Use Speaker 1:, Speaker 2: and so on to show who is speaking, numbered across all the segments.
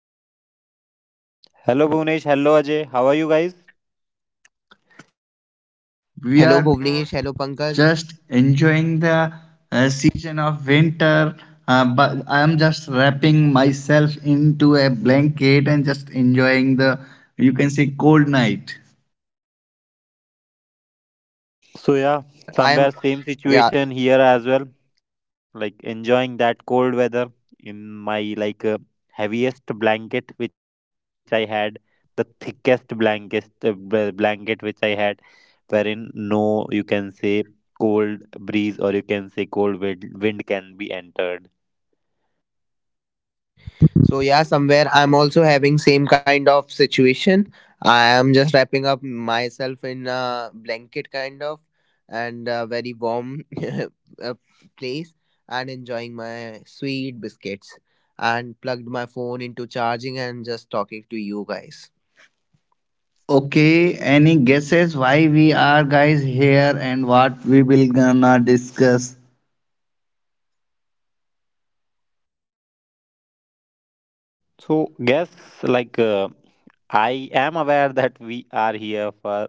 Speaker 1: episode.
Speaker 2: Hello Bhunesh, hello Ajay. How are you guys?
Speaker 1: We
Speaker 3: Hello
Speaker 1: are
Speaker 3: Bhuvnesh, hello Pankaj.
Speaker 1: just enjoying the season of winter, but I am just wrapping myself into a blanket and just enjoying the, you can say, cold night.
Speaker 2: So
Speaker 3: Somewhere
Speaker 2: yeah,
Speaker 3: I'm
Speaker 2: somewhere same
Speaker 3: yeah,
Speaker 2: situation here as well. Like enjoying that cold weather in my heaviest blanket which I had, the thickest blanket blanket which I had, wherein no you can say cold breeze or you can say cold wind can be entered.
Speaker 3: so yeah, Somewhere I'm also having same kind of situation. I am just wrapping up myself in a blanket kind of and a very warm uh, place and enjoying my sweet biscuits and plugged my phone into charging and just talking to you guys.
Speaker 1: Okay, any guesses why we are guys here and what we will gonna discuss?
Speaker 2: So yes, like uh, I am aware that we are here for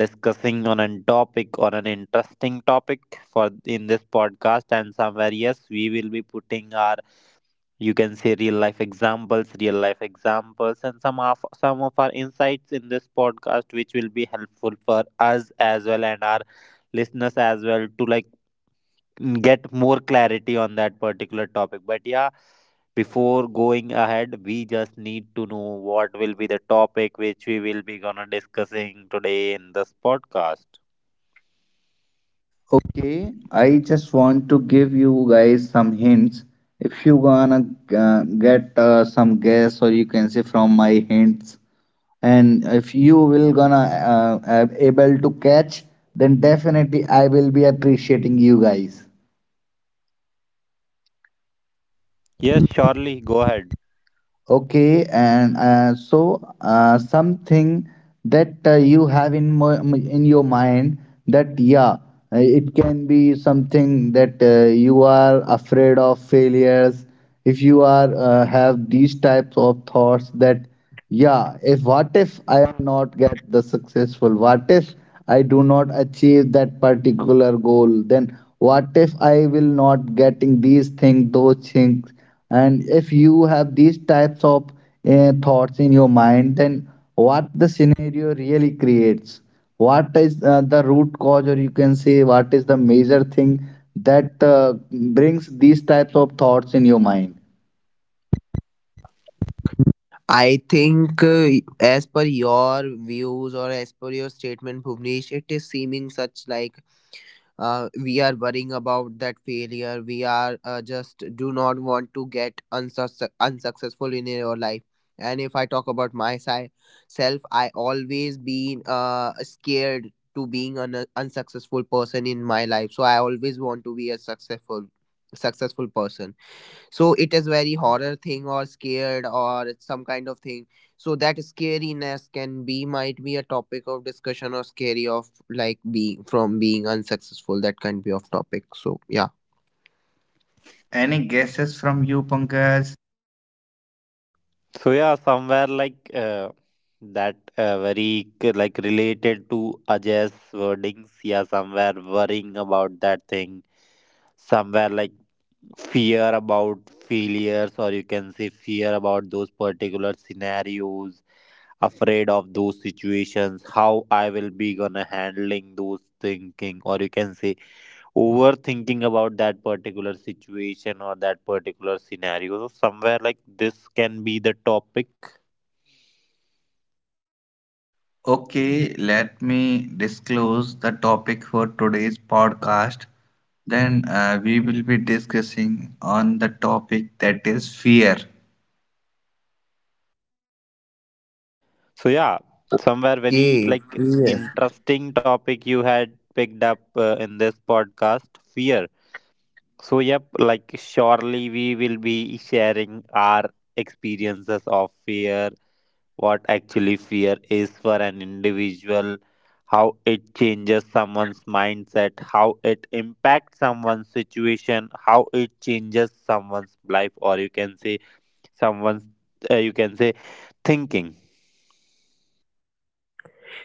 Speaker 2: discussing on a topic on an interesting topic for in this podcast and somewhere yes we will be putting our you can life examples real life examples and some of our insights in this podcast which will be helpful for us as well and our listeners as well to like get more clarity on that particular topic. But yeah, before going ahead, we just need to know what will be the topic which we will be gonna discussing today in this podcast.
Speaker 1: Okay, I just want to give you guys some hints. If you wanna get some guess, or you can say from my hints, and if you will gonna able to catch, then definitely I will be appreciating you guys.
Speaker 2: Yes, surely go ahead.
Speaker 1: Okay, and something that you have in mo in your mind that yeah, it can be something that you are afraid of failures. If you are have these types of thoughts that yeah, if what if I am not get the successful? What if I do not achieve that particular goal? Then what if I will not getting these things, those things? And if you have these types of thoughts in your mind, then what the scenario really creates? What is the root cause, or you can say, what is the major thing that brings these types of thoughts in your mind?
Speaker 3: I think, as per your views or as per your statement, Bhuvnesh, it is seeming such like we are worrying about that failure. We are just do not want to get unsuccessful in your life. And if I talk about myself, I always been scared to being an unsuccessful person in my life, so I always want to be a successful person. So it is very horror thing or scared or some kind of thing, so that scariness can be might be a topic of discussion, or scary of like being from being unsuccessful, that can be of topic. So yeah.
Speaker 1: Any guesses from you, Pankaj?
Speaker 2: So yeah, somewhere that very like related to Ajay's wordings. Yeah, somewhere worrying about that thing. Somewhere like fear about failures, or you can say fear about those particular scenarios, afraid of those situations, how I will be gonna handling those, thinking or you can say overthinking about that particular situation or that particular scenario. So somewhere like this can be the topic.
Speaker 1: Okay, let me disclose the topic for today's podcast. Then we will be discussing on the topic that is fear.
Speaker 2: So yeah, somewhere very
Speaker 3: Okay.
Speaker 2: like
Speaker 3: Yes.
Speaker 2: interesting topic you had picked up in this podcast, fear. So yep, like surely we will be sharing our experiences of fear, what actually fear is for an individual, how it changes someone's mindset, how it impacts someone's situation, how it changes someone's life, or you can say someone's, you can say thinking.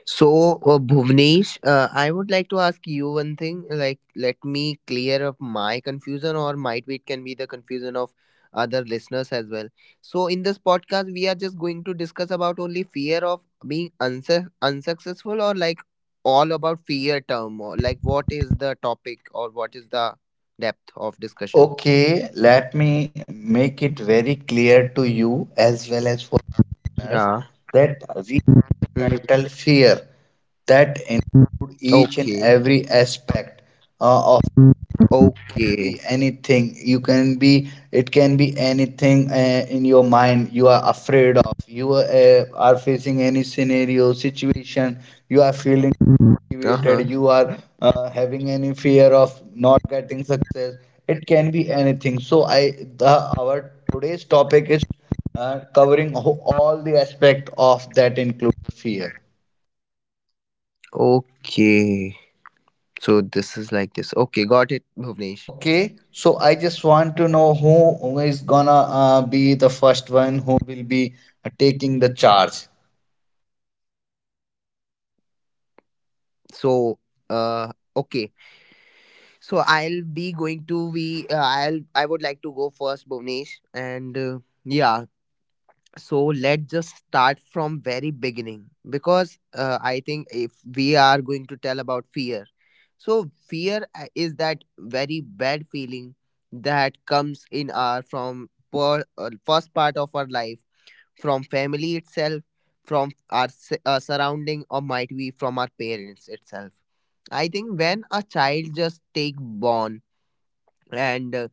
Speaker 3: So, Bhuvnesh, I would like to ask you one thing. Like, let me clear up my confusion, or might be it can be the confusion of other listeners as well. So, in this podcast, we are just going to discuss about only fear of being unsuccessful, or like all about fear term, or like what is the topic, or what is the depth of discussion?
Speaker 1: Okay, let me make it very clear to you as well as for listeners
Speaker 3: Yeah.
Speaker 1: that we
Speaker 3: Mm-hmm.
Speaker 1: title fear that include each and
Speaker 3: Okay.
Speaker 1: every aspect uh, can be
Speaker 3: Okay.
Speaker 1: anything you can be it can be anything in your mind you are afraid of you are facing any scenario situation you are feeling
Speaker 3: Uh
Speaker 1: motivated
Speaker 3: huh.
Speaker 1: you are having any fear of not getting success it can be anything so I the our today's topic is covering all the aspect of that include fear.
Speaker 3: Okay. So this is like this. Okay, got it, Bhuvnesh.
Speaker 1: Okay, so I just want to know who is gonna be the first one who will be taking the charge.
Speaker 3: So okay, so I'll be going to be I'll I would like to go first, Bhuvnesh, and yeah, so let's just start from very beginning, because I think if we are going to tell about fear. So fear is that very bad feeling that comes in our from first part of our life, from family itself, from our surrounding, or might be from our parents itself. I think when a child just take born, and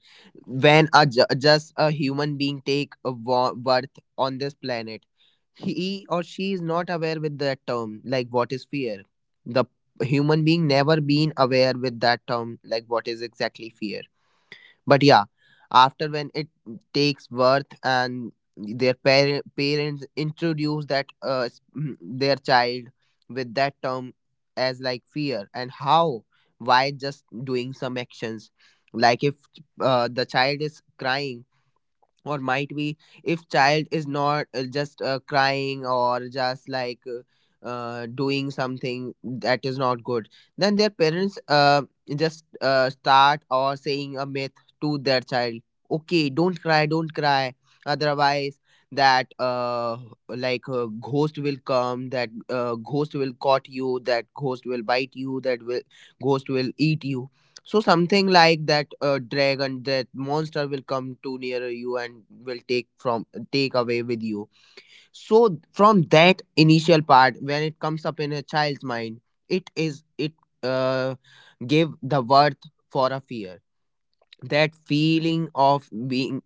Speaker 3: when a just a human being take a birth on this planet, he or she is not aware with that term like what is fear. The human being never been aware with that term like what is exactly fear. But yeah, after when it takes birth and their parents introduce that their child with that term as like fear, and how why just doing some actions. Like if the child is crying, or might be if child is not just crying, or just like doing something that is not good, then their parents just start or saying a myth to their child: okay, don't cry, don't cry, otherwise that like a ghost will come, that ghost will caught you, that ghost will bite you, that will ghost will eat you. So something like that dragon, that monster will come too near you and will take away with you. So from that initial part, when it comes up in a child's mind, it uh, gave the worth for a fear. That feeling of being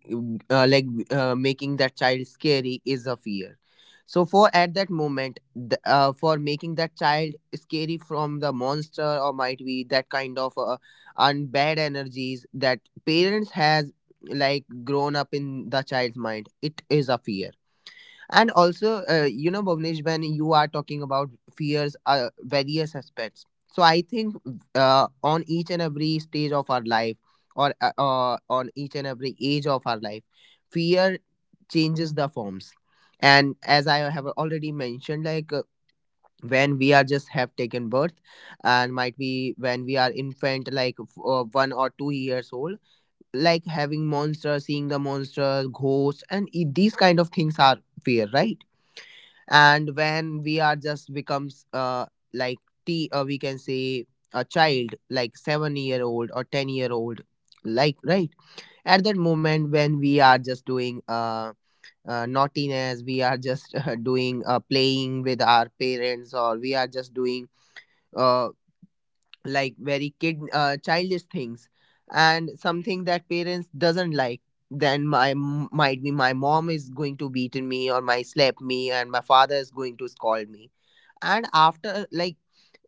Speaker 3: uh, like making that child scary is a fear. So for at that moment, for making that child scary from the monster, or might be that kind of and bad energies that parents has like grown up in the child's mind, it is a fear. And also, Bhavnesh, when you are talking about fears, various aspects. So I think on each and every stage of our life, or on each and every age of our life, fear changes the forms. And as I have already mentioned, like when we are just have taken birth, and might be when we are infant, like 1 or 2 years old, like having monsters, seeing the monsters, ghosts, and these kind of things are fear, right? And when we are just becomes like t we can say a child like 7-year-old or 10-year old. Like right at that moment when we are just doing naughtiness, we are just doing playing with our parents, or we are just doing uh like very kid childish things and something that parents doesn't like, then might be my mom is going to beaten me or my slap me, and my father is going to scold me. And after like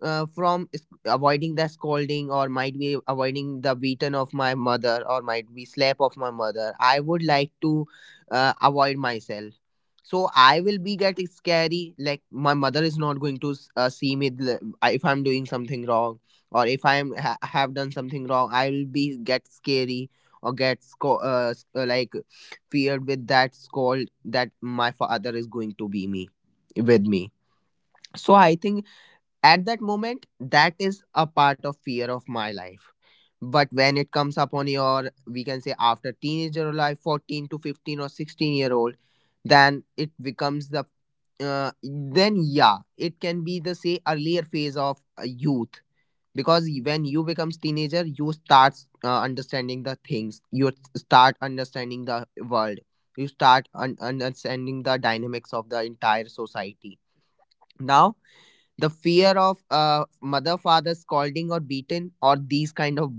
Speaker 3: avoiding the scolding, or might be avoiding the beaten of my mother, or might be slap of my mother, I would like to avoid myself, so I will be get scary, like my mother is not going to see me if I'm doing something wrong, or if I am have done something wrong, I will be get scary or get like feared with that scold that my father is going to be me with me. So I think at that moment, that is a part of fear of my life. But when it comes upon your, we can say, after teenager life, 14 to 15 or 16-year-old, then it becomes the, then yeah, it can be the say earlier phase of youth, because when you becomes teenager, you start understanding the things, you start understanding the world, you start understanding the dynamics of the entire society. Now the fear of mother father scolding or beaten or these kind of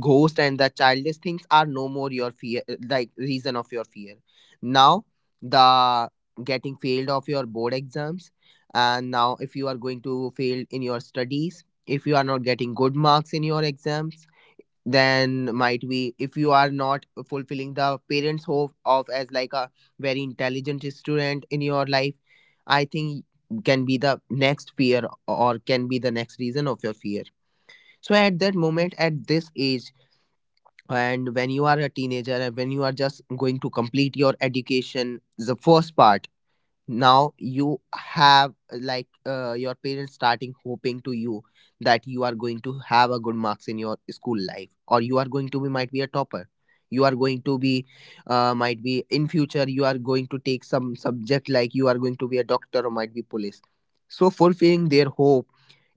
Speaker 3: ghost and the childish things are no more your fear, like reason of your fear. Now the getting failed of your board exams, and now if you are going to fail in your studies, if you are not getting good marks in your exams, then might be, if you are not fulfilling the parents hope of as like a very intelligent student in your life, I think can be the next fear or can be the next reason of your fear. So at that moment, at this age, and when you are a teenager, and when you are just going to complete your education, the first part, now you have your parents starting hoping to you that you are going to have a good marks in your school life, or you are going to be might be a topper, you are going to be might be in future you are going to take some subject, like you are going to be a doctor or might be police. So fulfilling their hope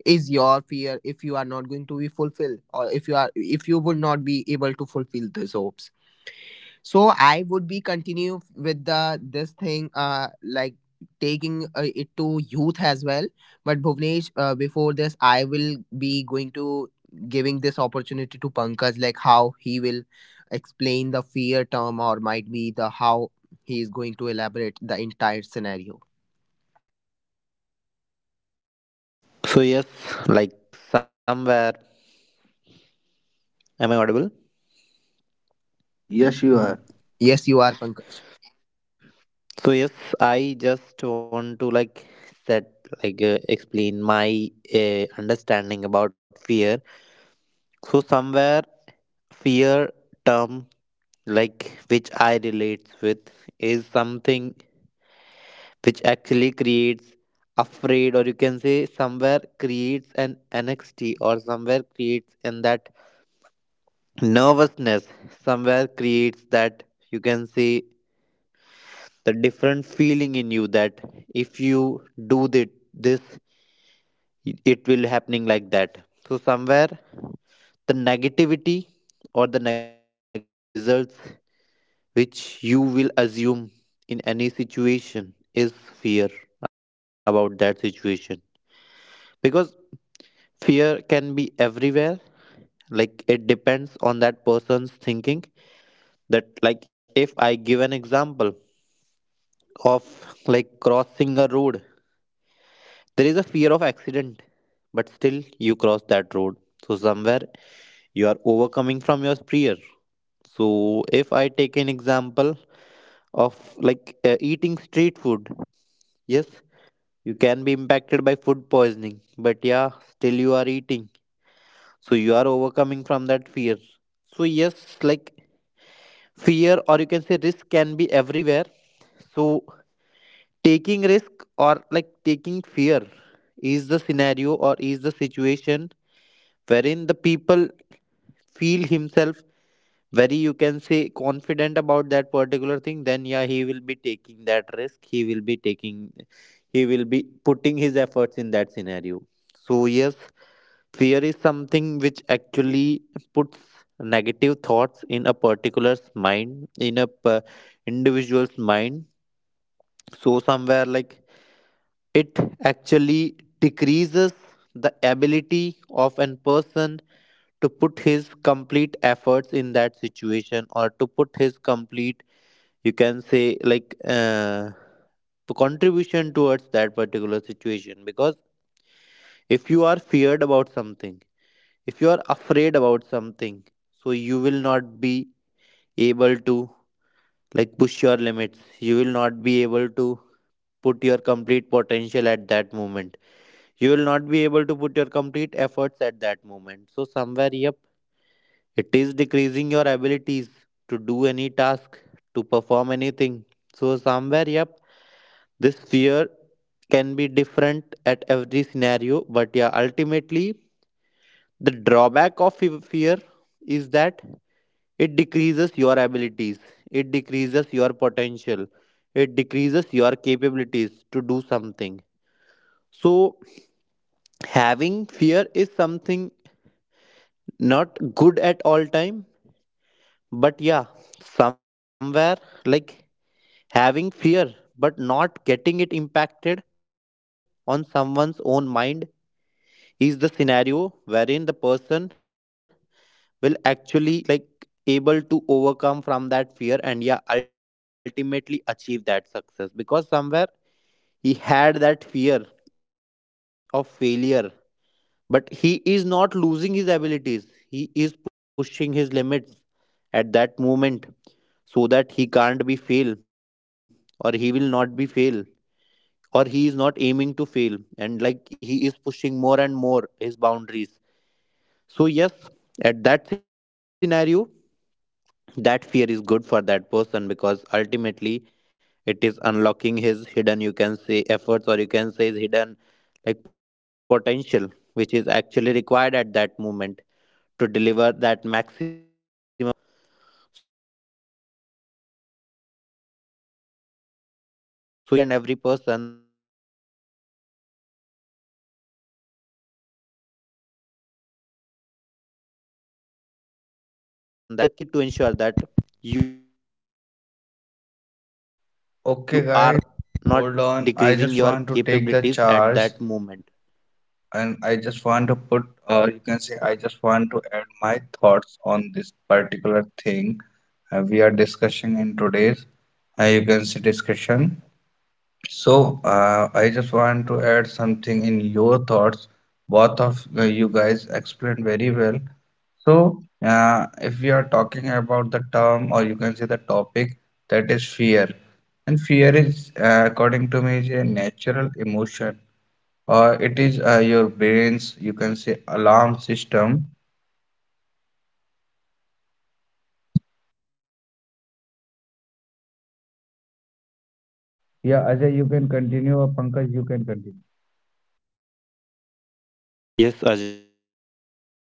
Speaker 3: is your fear, if you are not going to be fulfilled, or if you will not be able to fulfill those hopes. So I would be continue with the this thing like taking it to youth as well. But Bhuvnesh, before this, I will be going to giving this opportunity to Pankaj, like how he will explain the fear term, or might be the how he is going to elaborate the entire scenario.
Speaker 2: So, yes, like somewhere, am I audible?
Speaker 1: Yes, you are.
Speaker 3: Yes, you are, Pankaj.
Speaker 2: So, yes, I just want to like set, explain my understanding about fear. So, somewhere, fear term like which I relate with is something which actually creates afraid or you can say somewhere creates an anxiety, or somewhere creates in that nervousness, somewhere creates that you can say the different feeling in you that if you do that this it will happening like that. So somewhere the negativity or the negative results which you will assume in any situation is fear about that situation, because fear can be everywhere. Like it depends on that person's thinking that, like if I give an example of like crossing a road, there is a fear of accident, but still you cross that road. So somewhere you are overcoming from your fear. So if I take an example of eating street food, yes, you can be impacted by food poisoning, but yeah, still you are eating. So you are overcoming from that fear. So yes, like fear or you can say risk can be everywhere. So taking risk or like taking fear is the scenario or is the situation wherein the people feel himself very you can say confident about that particular thing, then yeah he will be taking that risk, he will be taking, he will be putting his efforts in that scenario. So yes, fear is something which actually puts negative thoughts in a particular's mind, in a p- individual's mind. So somewhere like it actually decreases the ability of an person to put his complete efforts in that situation or to put his complete, you can say, contribution towards that particular situation. Because if you are feared about something, if you are afraid about something, so you will not be able to like push your limits, you will not be able to put your complete potential at that moment, you will not be able to put your complete efforts at that moment. So somewhere yep it is decreasing your abilities to do any task, to perform anything. So somewhere yep this fear can be different at every scenario, but yeah ultimately the drawback of fear is that it decreases your abilities, it decreases your potential, it decreases your capabilities to do something. So, having fear is something not good at all time, but yeah, somewhere like having fear but not getting it impacted on someone's own mind is the scenario wherein the person will actually like able to overcome from that fear and yeah ultimately achieve that success. Because somewhere he had that fear of failure, but he is not losing his abilities. He is pushing his limits at that moment so that he can't be fail or he will not be fail or he is not aiming to fail, and like he is pushing more and more his boundaries. So yes, at that scenario that fear is good for that person, because ultimately it is unlocking his hidden, you can say, efforts or you can say his hidden, like potential, which is actually required at that moment to deliver that maximum. And yeah, ultimately he can achieve that thing which he is aiming for. So, yes, that is the thing which actually required in each and every person, that yeah, fear is something which actually decreases the capabilities of that particular person, but yeah you just need to ensure that you are not decreasing your
Speaker 1: Okay, guys,
Speaker 2: capabilities at that
Speaker 1: hold on.
Speaker 2: moment.
Speaker 1: I just want to take the charge and I just want to put, or you can say, I just want to add my thoughts on this particular thing we are discussing in today's, you can say, discussion. So, I just want to add something in your thoughts. Both of you guys explained very well. So, if we are talking about the term, or you can say the topic, that is fear. And fear is, according to me, is a natural emotion, or it is your brain's, you can say, alarm system. Yeah, Ajay, you can continue, or Pankaj, you can continue.
Speaker 2: Yes Ajay.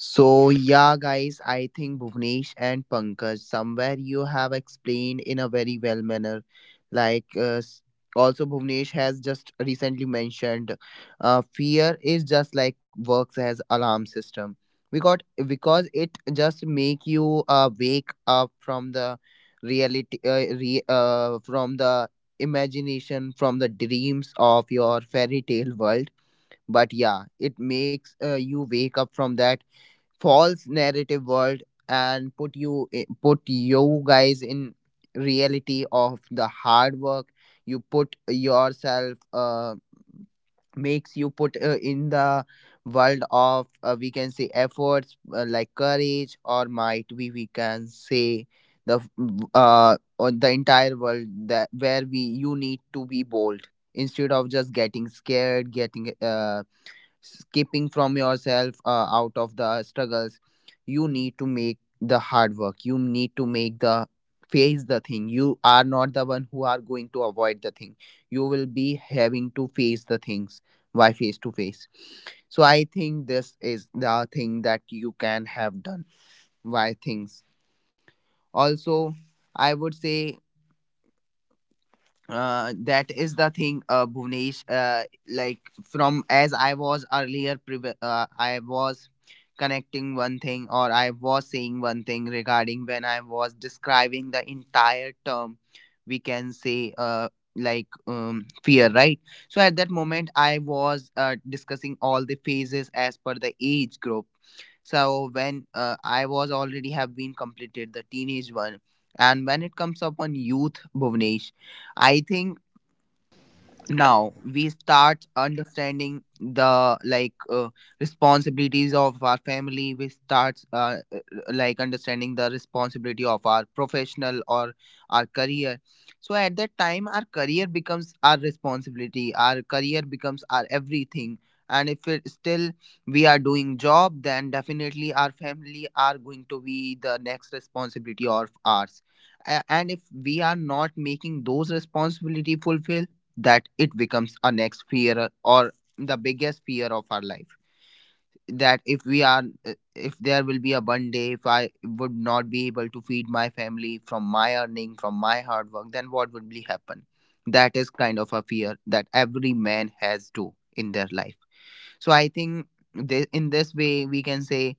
Speaker 3: So yeah, guys, I think Bhuvnesh and Pankaj, somewhere you have explained in a very well manner. Like also Bhuvnesh has just recently mentioned, fear is just like works as alarm system. We got, because it just make you wake up from the reality, from the imagination, from the dreams of your fairy tale world, but yeah, it makes you wake up from that false narrative world and put you put you guys in reality of the hard work, you put yourself, makes you put in the world of, we can say, efforts, like courage, or might we can say, the, or the entire world, that where we you need to be bold instead of just getting scared, getting escaping from yourself, out of the struggles. You need to make the hard work, you need to make the face the thing, you are not the one who are going to avoid the thing, you will be having to face the things, why face to face. So I think this is the thing that you can have done. Why things also, I would say, that is the thing, Bhuvnesh, like from as I was earlier I was connecting one thing, or I was saying one thing regarding when I was describing the entire term, we can say, fear, right? So at that moment I was discussing all the phases as per the age group. So when I was already have been completed the teenage one, and when it comes upon youth, Bhuvnesh, I think now we start understanding the like responsibilities of our family, we start like understanding the responsibility of our professional or our career, so at That time our career becomes our responsibility. Our career becomes our everything, and if it still we are doing job, then definitely our family are going to be the next responsibility of ours. A- and if we are not making those responsibility fulfill, that it becomes our next fear or the biggest fear of our life, that if we are, if there will be a one day, if I would not be able to feed my family from my earning, from my hard work, then what would be happen? That is kind of a fear that every man has too in their life. So I think this, in this way we can say,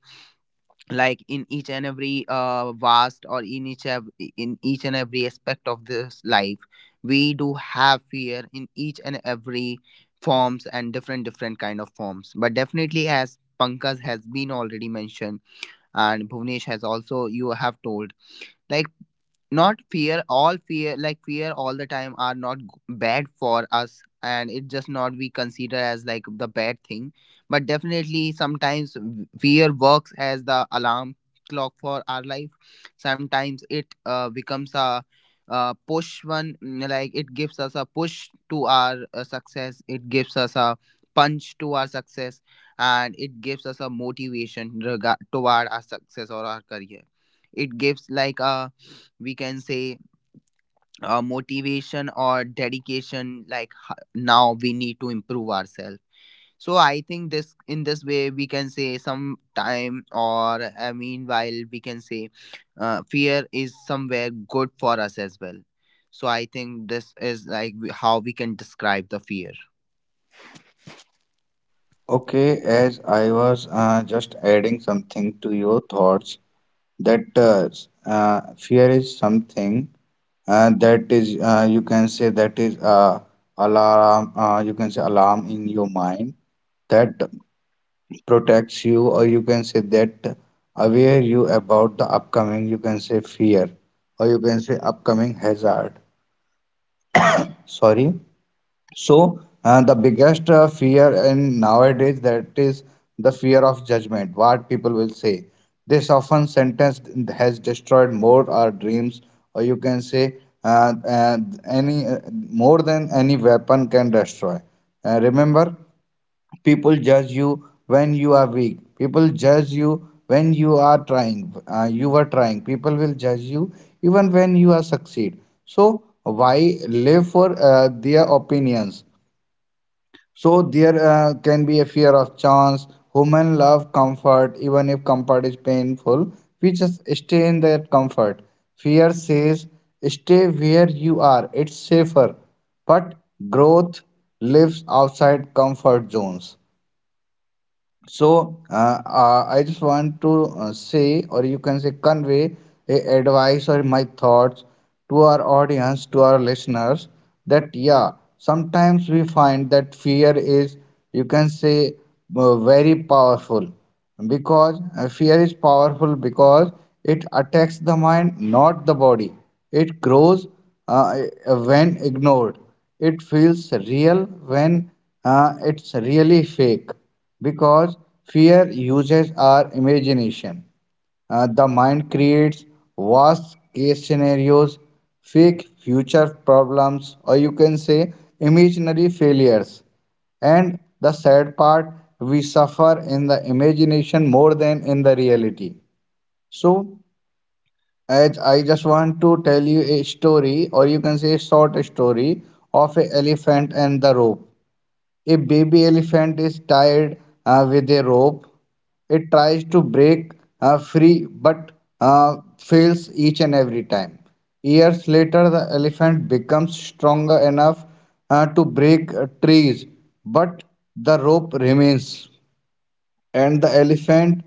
Speaker 3: like, in each and every vast, or in each in each and every aspect of this life, we do have fear in each and every forms, and different different kind of forms. But definitely, as Pankaj has been already mentioned and Bhuvnesh has also, you have told, like, not fear all fear, like fear all the time are not bad for us, and it just not we consider as like the bad thing. But definitely sometimes fear works as the alarm clock for our life. Sometimes it becomes a push one. Mm, like, it gives us a push to our success, it gives us a punch to our success, and it gives us a motivation regard toward our success or our career. It gives, like, a, we can say, motivation or dedication, like, now we need to improve ourselves. So I think this, in this way we can say, some time or I mean while we can say fear is somewhere good for us as well. So I think this is like how we can describe the fear.
Speaker 1: Okay, as I was just adding something to your thoughts, that fear is something that is you can say that is alarm you can say alarm in your mind that protects you or you can say that aware you about the upcoming you can say fear or you can say upcoming hazard sorry. So the biggest fear in nowadays that is the fear of judgment. What people will say. This often sentence has destroyed more our dreams, or you can say uh, uh, any more than any weapon can destroy. Remember, people judge you when you are weak. People judge you when you are trying. You were trying. People will judge you even when you are succeed. So why live for their opinions? So there can be a fear of chance. Women love comfort, even if comfort is painful. We just stay in that comfort. Fear says, stay where you are, it's safer. But growth lives outside comfort zones. So I just want to say, or you can say, convey a advice or my thoughts to our audience, to our listeners, that yeah, sometimes we find that fear is, you can say, very powerful because fear is powerful because it attacks the mind, not the body. It grows uh, when ignored it feels real when it's really fake because fear uses our imagination. The mind creates vast case scenarios, fake future problems, or you can say imaginary failures. And the sad part, we suffer in the imagination more than in the reality. So, as I just want to tell you a story, or you can say a short story of an elephant and the rope. A baby elephant is tied with a rope. It tries to break free but fails each and every time. Years later, the elephant becomes stronger enough to break trees, but the rope remains and the elephant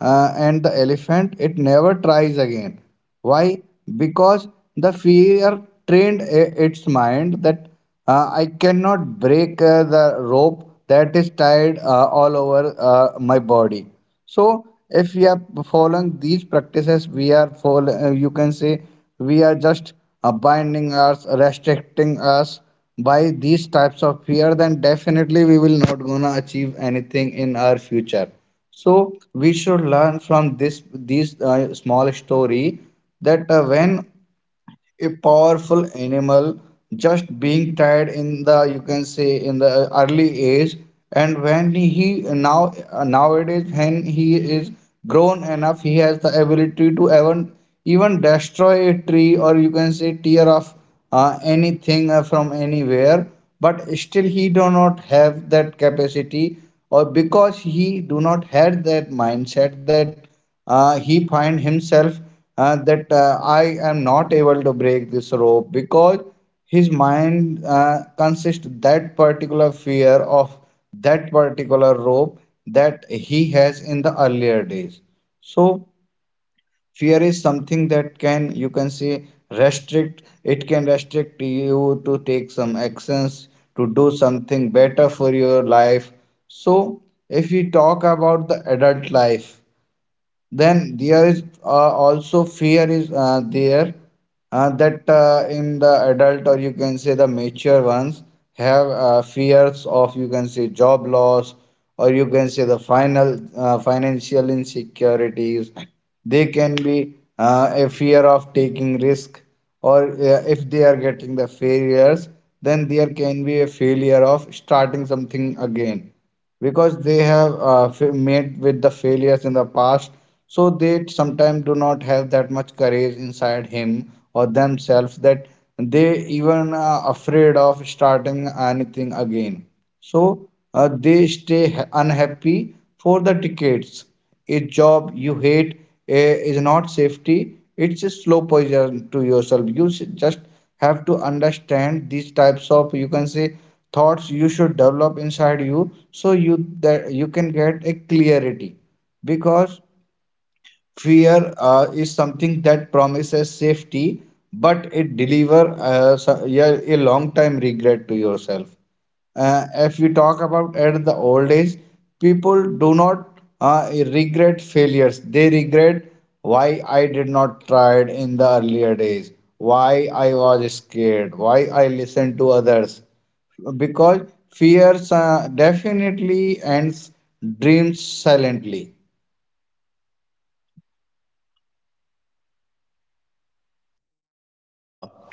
Speaker 1: uh, and the elephant it never tries again. Why? Because the fear trained its mind that I cannot break the rope that is tied all over my body. So if we are following these practices we are you can say we are just binding us, restricting us by these types of fear, then definitely we will not gonna achieve anything in our future. So we should learn from this these small story that when a powerful animal just being tied in the you can say in the early age and when he now nowadays when he is grown enough he has the ability to even destroy a tree or you can say tear off anything from anywhere but still he do not have that capacity or because he do not had that mindset that he find himself that I am not able to break this rope because his mind consists that particular fear of that particular rope that he has in the earlier days. So fear is something that can you can say restrict. It can restrict you to take some actions to do something better for your life. So if we talk about the adult life then there is also fear is there that in the adult or you can say the mature ones have fears of you can say job loss or you can say the final financial insecurities. They can be a fear of taking risk or if they are getting the failures then there can be a failure of starting something again because they have met with the failures in the past, so they sometimes do not have that much courage inside him or themselves that they even are afraid of starting anything again. So they stay unhappy for the decades. A job you hate is not safety, it's a slow poison to yourself. You just have to understand these types of you can say thoughts you should develop inside you so you that you can get a clarity because fear is something that promises safety but it deliver yeah, a long time regret to yourself. If you talk about at the old age, people do not regret failures, they regret why I did not try it in the earlier days, why I was scared, why I listened to others, because fears definitely ends dreams silently.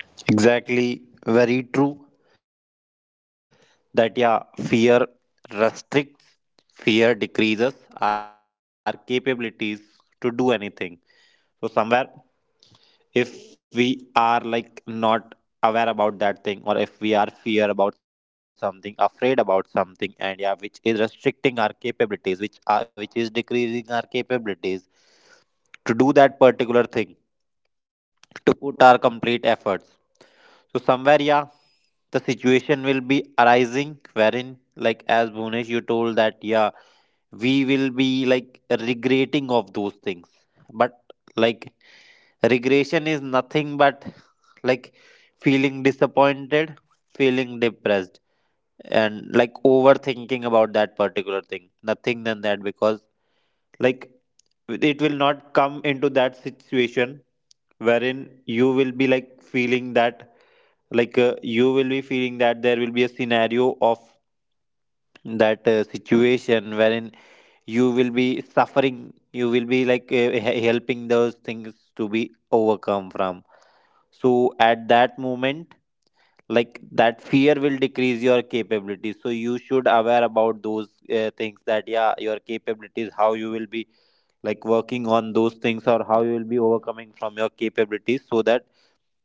Speaker 2: Yeah, exactly. Very true. That, yeah, fear restricts, fear decreases our capabilities to do anything. So, somewhere, if we are like not aware about that thing, or if we are fear about something, afraid about something, and yeah, which is restricting our capabilities, which is decreasing our capabilities to do that particular thing, to put our complete efforts. So somewhere, yeah, the situation will be arising wherein, like as Bhunesh, you told that yeah, we will be like regretting of those things. But like regression is nothing but like feeling disappointed, feeling depressed, and like overthinking about that particular thing. Nothing, because like it will not come into that situation wherein you will be like feeling that you will be feeling that there will be a scenario of that situation wherein you will be suffering, you will be helping those things to be overcome from. So at that moment like that fear will decrease your capability, so you should aware about those things, that yeah your capabilities, how you will be like working on those things or how you will be overcoming from your capabilities, so that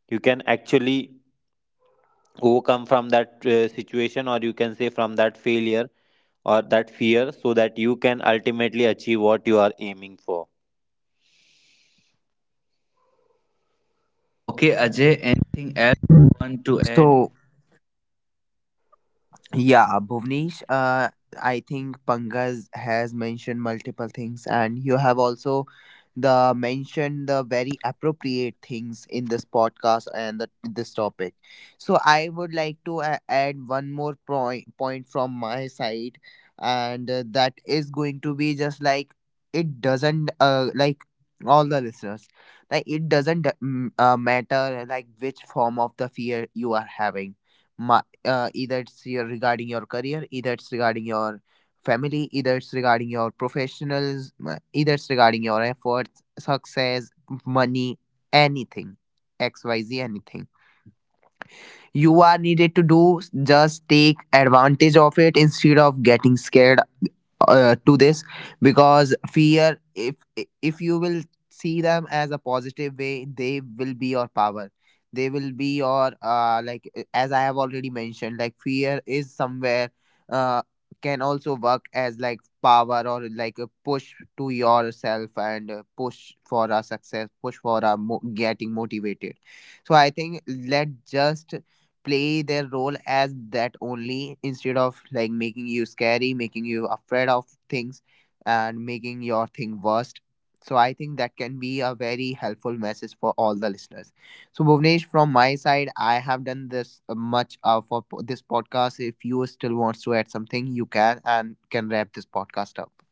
Speaker 2: you can actually overcome from that situation or you can say from that failure or that fear, so that you can ultimately achieve what you are aiming for.
Speaker 3: So yeah, Bhuvnesh, I think Pankaj has mentioned multiple things, and you have also the mentioned the very appropriate things in this podcast and the, this topic. So I would like to add one more point from my side, and that is going to be just like, it doesn't, like, all the listeners, like it doesn't, matter like which form of the fear you are having. Uh, either it's your regarding your career, either it's regarding your family, either it's regarding your professionals, either it's regarding your efforts, success, money, anything, XYZ, anything you are needed to do, just take advantage of it instead of getting scared to this. Because fear, if you will see them as a positive way, they will be your power, they will be your, as I have already mentioned, like fear is somewhere uh, can also work as like power or like a push to yourself, and push for a success, push for a getting motivated. So I think let just play their role as that only, instead of like making you scary, making you afraid of things, and making your thing worst. So I think that can be a very helpful message for all the listeners. So Bhuvnesh, from my side I have done this much for this podcast. If you still wants to add something, you can, and can wrap this podcast up.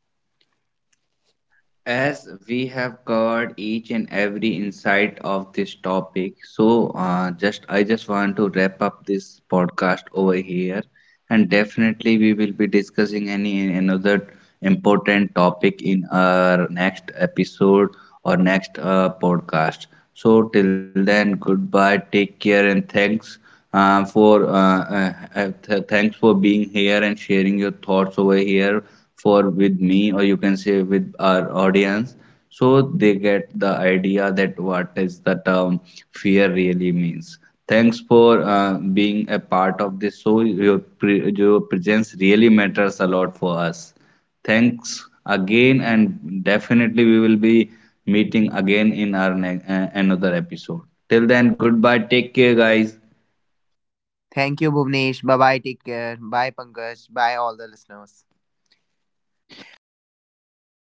Speaker 1: As we have covered each and every insight of this topic, so just I just want to wrap up this podcast over here, and definitely we will be discussing any another important topic in our next episode or next podcast. So till then, goodbye, take care, and thanks thanks for being here and sharing your thoughts over here for with me or you can say with our audience so they get the idea that what is the term fear really means. Thanks for being a part of this, so your presence really matters a lot for us. Thanks again and definitely we will be meeting again in our another episode. Till then, goodbye, take care guys.
Speaker 3: Thank you, Bhuvnesh. Bye bye, take care. Bye Pankaj, bye all the listeners.
Speaker 2: Bye bye Bunesh.